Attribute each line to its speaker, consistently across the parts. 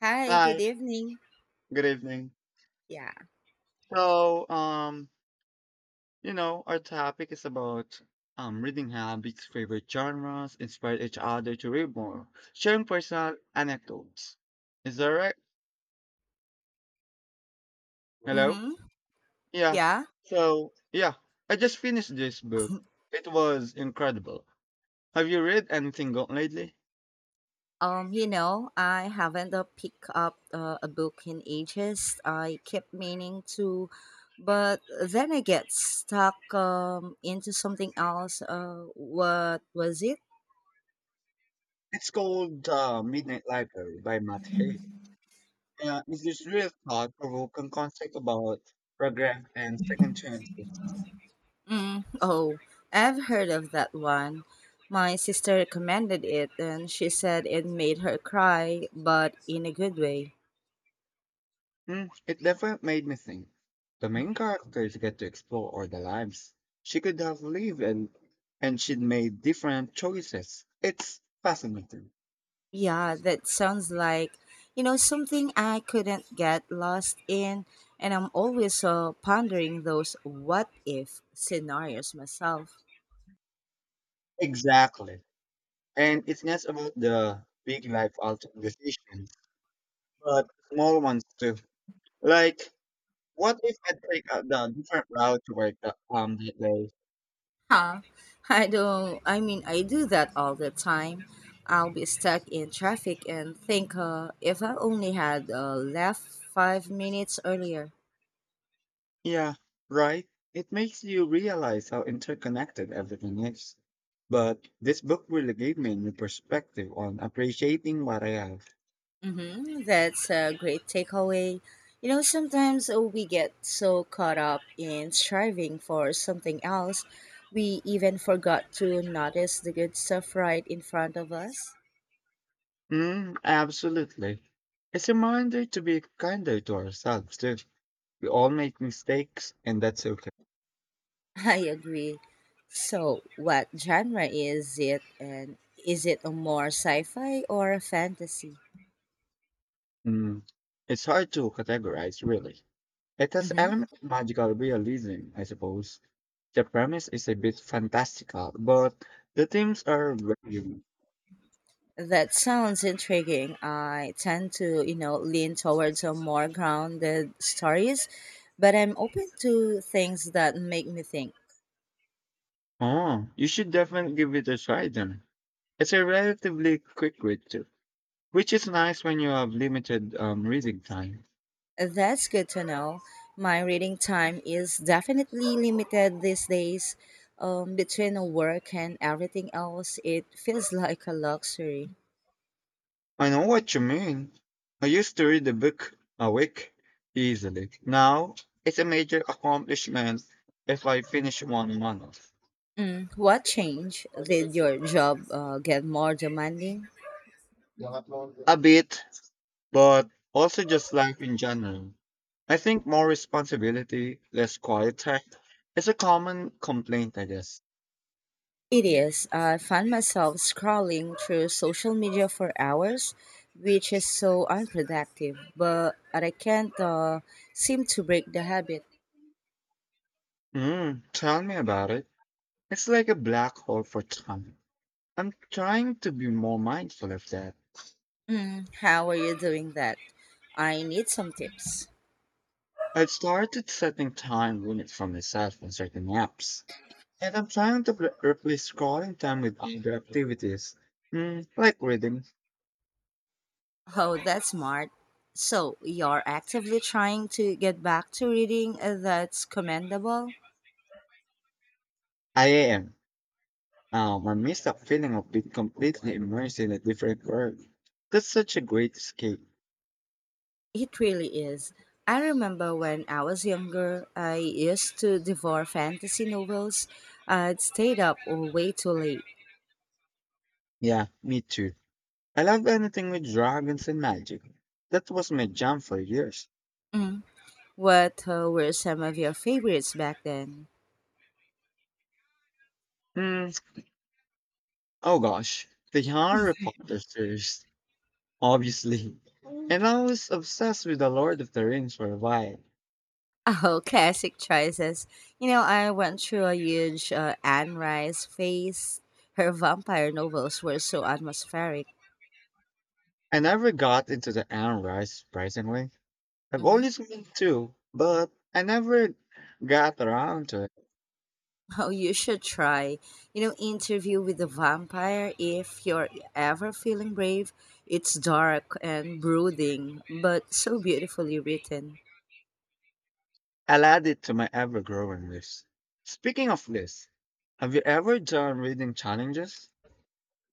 Speaker 1: Hi, good
Speaker 2: Hi,
Speaker 1: evening.
Speaker 2: good evening.
Speaker 1: Yeah.
Speaker 2: So, um, our topic is about reading habits, favorite genres, inspire each other to read more, sharing personal anecdotes. Is that right? Hello?
Speaker 1: Mm-hmm.
Speaker 2: Yeah.
Speaker 1: Yeah.
Speaker 2: So, yeah, I just finished this book. It was incredible. Have you read anything good lately?
Speaker 1: I haven't picked up a book in ages. I kept meaning to, but then I get stuck into something else. What was it?
Speaker 2: It's called Midnight Library by Matt Haig. It's this real thought-provoking concept about regret and second chances.
Speaker 1: Mm, oh, I've heard of that one. My sister recommended it, and she said it made her cry, but in a good way.
Speaker 2: Mm, it definitely made me think. The main characters get to explore all the lives. She could have lived and she'd made different choices. It's fascinating.
Speaker 1: Yeah, that sounds like, you know, something I couldn't get lost in. And I'm always pondering those what if scenarios myself.
Speaker 2: Exactly. And it's not about the big life altering decisions, but small ones too. Like, what if I take the different route to work that day?
Speaker 1: Huh. I don't, I mean, I do that all the time. I'll be stuck in traffic and think, if I only had left 5 minutes earlier.
Speaker 2: Yeah, right. It makes you realize how interconnected everything is. But this book really gave me a new perspective on appreciating what I have.
Speaker 1: Mm-hmm. That's a great takeaway. You know, sometimes we get so caught up in striving for something else, we even forgot to notice the good stuff right in front of us.
Speaker 2: Mm, absolutely. It's a reminder to be kinder to ourselves too. We all make mistakes, and that's okay.
Speaker 1: I agree. So, what genre is it, and is it a more sci fi or a fantasy?
Speaker 2: Mm, it's hard to categorize, really. It has
Speaker 1: Mm-hmm.
Speaker 2: element of magical realism, I suppose. The premise is a bit fantastical, but the themes are very.
Speaker 1: That sounds intriguing. I tend to, you know, lean towards a more grounded stories, but I'm open to things that make me think.
Speaker 2: Oh, you should definitely give it a try then. It's a relatively quick read too, which is nice when you have limited reading time.
Speaker 1: That's good to know. My reading time is definitely limited these days. Between work and everything else, it feels like a luxury.
Speaker 2: I know what you mean. I used to read a book a week easily. Now it's a major accomplishment if I finish one a month.
Speaker 1: Mm. What change did your job get more demanding?
Speaker 2: A bit, but also just life in general. I think more responsibility, less quiet time. It's a common complaint, I guess.
Speaker 1: It is. I find myself scrolling through social media for hours, which is so unproductive, but I can't seem to break the habit.
Speaker 2: Mm, tell me about it. It's like a black hole for time. I'm trying to be more mindful of that.
Speaker 1: Mm, how are you doing that? I need some tips.
Speaker 2: I've started setting time limits for myself on certain apps, and I'm trying to replace scrolling time with other activities, mm, like reading.
Speaker 1: Oh, that's smart. So, you're actively trying to get back to reading, that's commendable.
Speaker 2: I am. I miss that feeling of being completely immersed in a different world. That's such a great escape.
Speaker 1: It really is. I remember when I was younger, I used to devour fantasy novels. I'd stayed up way too late.
Speaker 2: Yeah, me too. I love anything with dragons and magic. That was my jam for years.
Speaker 1: Mm. What were some of your favorites back then?
Speaker 2: Hmm. Oh gosh, the Harry Potter series, obviously. And I was obsessed with the Lord of the Rings for a while.
Speaker 1: Oh, classic choices. You know, I went through a huge Anne Rice phase. Her vampire novels were so atmospheric.
Speaker 2: I never got into the Anne Rice, surprisingly. I've
Speaker 1: Hmm.
Speaker 2: always wanted to, but I never got around to it.
Speaker 1: Oh, you should try. You know, Interview with the Vampire, if you're ever feeling brave, it's dark and brooding, but so beautifully written.
Speaker 2: I'll add it to my ever-growing list. Speaking of lists, have you ever done reading challenges?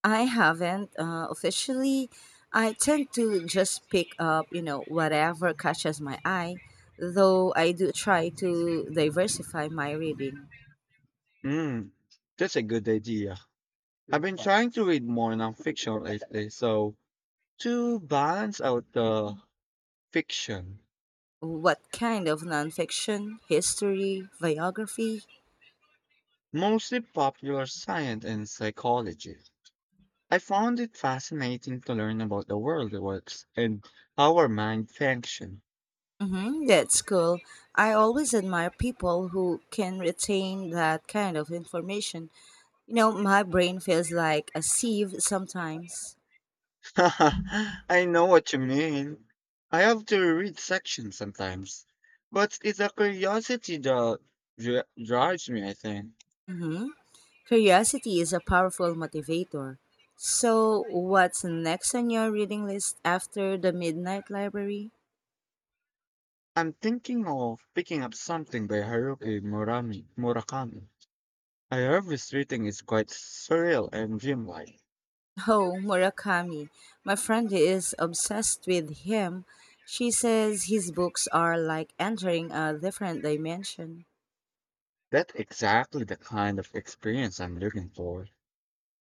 Speaker 1: I haven't officially. I tend to just pick up, you know, whatever catches my eye, though I do try to diversify my reading.
Speaker 2: Mm, that's a good idea. I've been trying to read more nonfiction lately, so to balance out the fiction,
Speaker 1: What kind of nonfiction, history, biography?
Speaker 2: mostly popular science and psychology. I found it fascinating to learn about the world works and how our mind function.
Speaker 1: Mm-hmm, that's cool. I always admire people who can retain that kind of information. You know, my brain feels like a sieve sometimes.
Speaker 2: I know what you mean. I have to read sections sometimes, but it's a curiosity that drives me, I think.
Speaker 1: Mm-hmm. Curiosity is a powerful motivator. So, what's next on your reading list after the Midnight Library?
Speaker 2: I'm thinking of picking up something by Murakami. I heard this reading is quite surreal and dreamlike.
Speaker 1: Oh, Murakami. My friend is obsessed with him. She says his books are like entering a different dimension.
Speaker 2: That's exactly the kind of experience I'm looking for.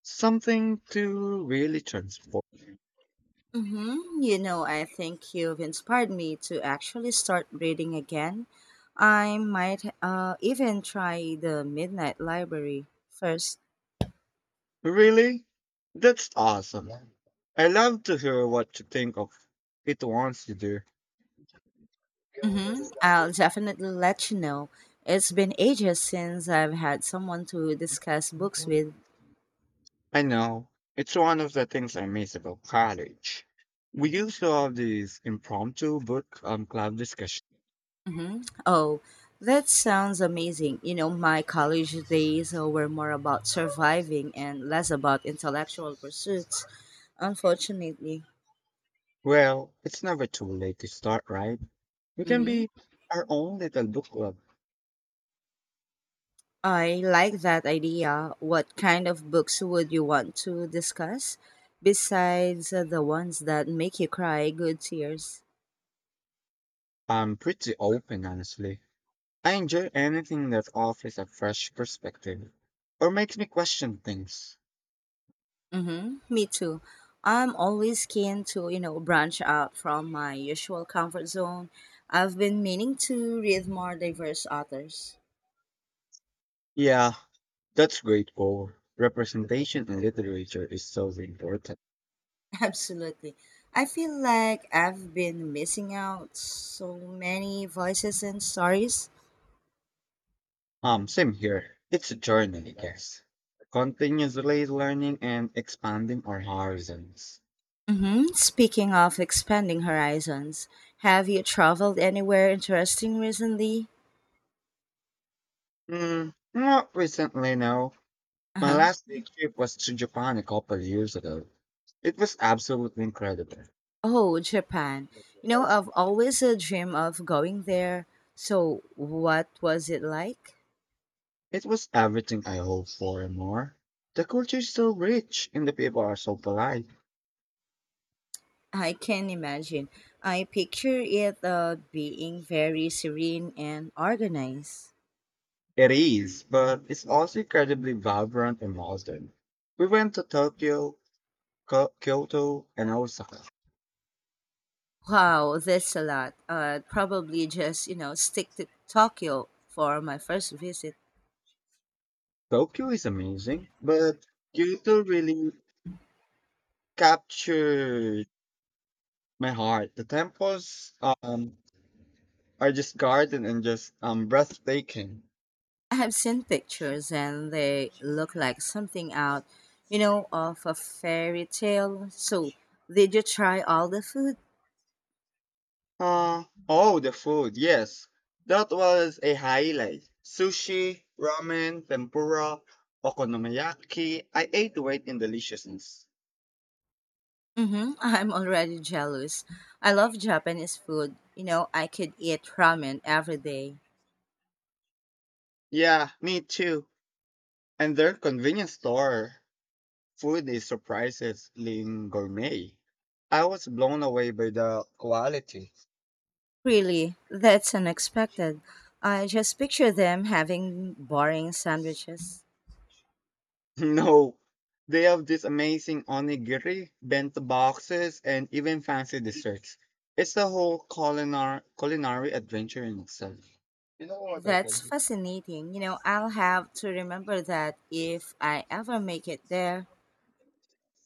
Speaker 2: Something to really transform.
Speaker 1: Mm-hmm. You know, I think you've inspired me to actually start reading again. I might even try the Midnight Library first.
Speaker 2: Really? That's awesome. I love to hear what you think of it once you do.
Speaker 1: Mm-hmm. I'll definitely let you know. It's been ages since I've had someone to discuss books with.
Speaker 2: I know. It's one of the things I miss about college. We used to have these impromptu book club discussions.
Speaker 1: Mm-hmm. Oh, that sounds amazing. You know, my college days were more about surviving and less about intellectual pursuits, unfortunately.
Speaker 2: Well, it's never too late to start, right? We can
Speaker 1: Mm-hmm.
Speaker 2: be our own little book club.
Speaker 1: I like that idea. What kind of books would you want to discuss besides the ones that make you cry good tears?
Speaker 2: I'm pretty open, honestly. I enjoy anything that offers a fresh perspective or makes me question things.
Speaker 1: Mm-hmm. Me too. I'm always keen to, you know, branch out from my usual comfort zone. I've been meaning to read more diverse authors.
Speaker 2: Yeah, that's grateful. Representation in literature is so important.
Speaker 1: Absolutely. I feel like I've been missing out so many voices and stories.
Speaker 2: Same here. It's a journey, I guess. Continuously learning and expanding our horizons.
Speaker 1: Mm-hmm. Speaking of expanding horizons, have you traveled anywhere interesting recently?
Speaker 2: Mm, not recently, no. My last big trip was to Japan a couple of years ago. It was absolutely incredible.
Speaker 1: Oh, Japan. You know, I've always a dream of going there. So, what was it like?
Speaker 2: It was everything I hoped for and more. The culture is so rich and the people are so polite.
Speaker 1: I can imagine. I picture it being very serene and organized.
Speaker 2: It is, but it's also incredibly vibrant and modern. We went to Tokyo, Kyoto, and Osaka.
Speaker 1: Wow, that's a lot. Probably just, you know, stick to Tokyo for my first visit.
Speaker 2: Tokyo is amazing, but Kyoto really captured my heart. The temples are just garden and just breathtaking.
Speaker 1: I have seen pictures and they look like something out, you know, of a fairy tale. So, did you try all the food?
Speaker 2: Uh, oh, the food, yes. That was a highlight. Sushi, ramen, tempura, okonomiyaki. I ate weight in deliciousness.
Speaker 1: Mm-hmm. I'm already jealous. I love Japanese food. You know, I could eat ramen every day.
Speaker 2: Yeah, me too. And their convenience store food is surprisingly gourmet. I was blown away by the quality.
Speaker 1: Really, that's unexpected. I just picture them having boring sandwiches.
Speaker 2: No, they have this amazing onigiri, bento boxes, and even fancy desserts. It's a whole culinary adventure in itself.
Speaker 1: That's fascinating. You know, I'll have to remember that if I ever make it there.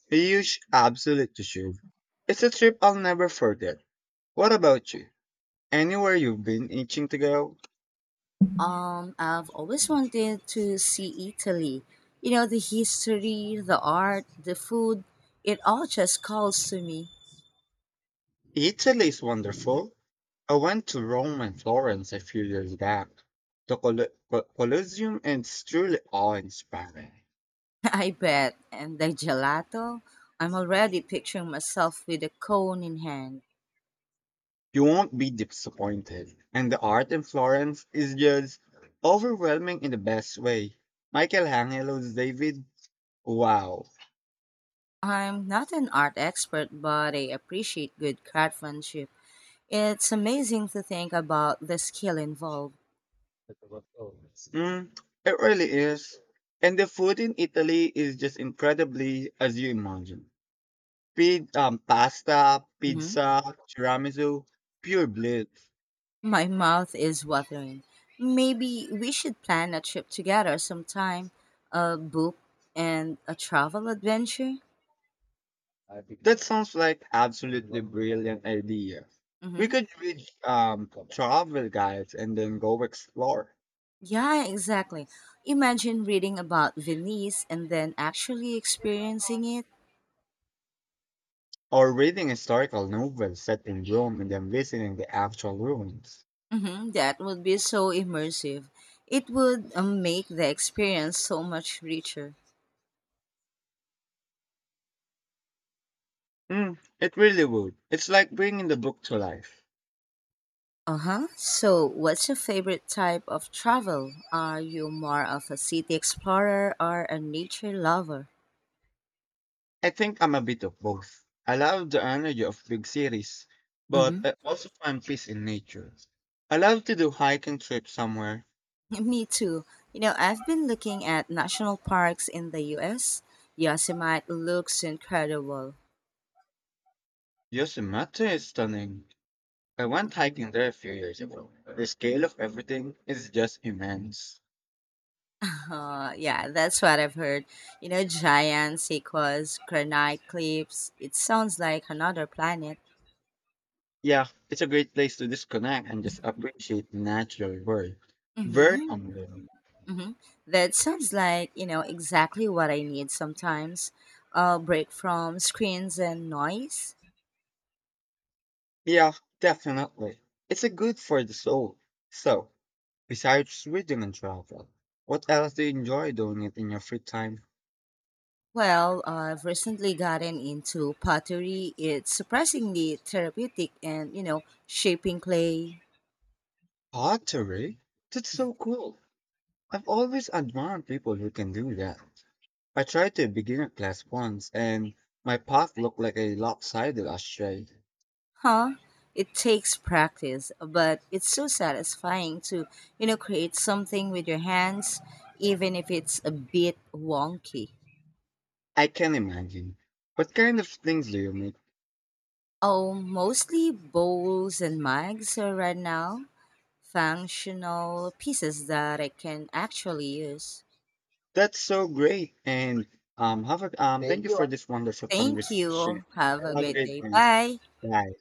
Speaker 2: A huge absolute issue. It's a trip I'll never forget. What about you? Anywhere you've been itching to go?
Speaker 1: I've always wanted to see Italy. You know, the history, the art, the food, it all just calls to me.
Speaker 2: Italy is wonderful. I went to Rome and Florence a few years back. The Colosseum is truly awe-inspiring.
Speaker 1: I bet. And the gelato? I'm already picturing myself with a cone in hand.
Speaker 2: You won't be disappointed, and the art in Florence is just overwhelming in the best way. Michelangelo's David, wow.
Speaker 1: I'm not an art expert, but I appreciate good craftsmanship. It's amazing to think about the skill involved.
Speaker 2: Mm, it really is. And the food in Italy is just incredibly as you imagine. Pasta,
Speaker 1: Mhm.
Speaker 2: pizza, tiramisu, pure bliss.
Speaker 1: My mouth is watering. Maybe we should plan a trip together sometime, a book and a travel adventure.
Speaker 2: That sounds like absolutely brilliant idea. We
Speaker 1: Hmm.
Speaker 2: could read travel guides and then go explore,
Speaker 1: Yeah, exactly. Imagine reading about Venice and then actually experiencing it.
Speaker 2: or reading historical novels set in Rome and then visiting the actual ruins.
Speaker 1: Hmm. That would be so immersive. It would make the experience so much richer.
Speaker 2: Mm, it really would. It's like bringing the book to life.
Speaker 1: Uh huh. So, what's your favorite type of travel? Are you more of a city explorer or a nature lover?
Speaker 2: I think I'm a bit of both. I love the energy of big cities, but
Speaker 1: Mm-hmm.
Speaker 2: I also find peace in nature. I love to do hiking trips somewhere.
Speaker 1: Me too. You know, I've been looking at national parks in the US. Yosemite looks incredible.
Speaker 2: Yosemite is stunning. I went hiking there a few years ago. The scale of everything is just immense.
Speaker 1: Yeah, that's what I've heard. You know, giant sequoias, granite cliffs. It sounds like another planet.
Speaker 2: Yeah, it's a great place to disconnect and just appreciate the natural world. Very
Speaker 1: Mm-hmm.
Speaker 2: humbling.
Speaker 1: Hmm. That sounds like, you know, exactly what I need sometimes. A break from screens and noise.
Speaker 2: Yeah, definitely. It's a good for the soul. So, besides reading and travel, what else do you enjoy doing it in your free time?
Speaker 1: Well, I've recently gotten into pottery. It's surprisingly therapeutic and, you know, shaping clay.
Speaker 2: Pottery? That's so cool. I've always admired people who can do that. I tried to begin a class once and my pot looked like a lopsided ashtray.
Speaker 1: Huh? It takes practice, but it's so satisfying to, you know, create something with your hands, even if it's a bit wonky.
Speaker 2: I can imagine. What kind of things do you make?
Speaker 1: Oh, mostly bowls and mugs right now. Functional pieces that I can actually use.
Speaker 2: That's so great. And thank you for this wonderful
Speaker 1: Thank
Speaker 2: conversation.
Speaker 1: you. Have a
Speaker 2: Have a
Speaker 1: great
Speaker 2: great
Speaker 1: day.
Speaker 2: day.
Speaker 1: Bye.
Speaker 2: Bye.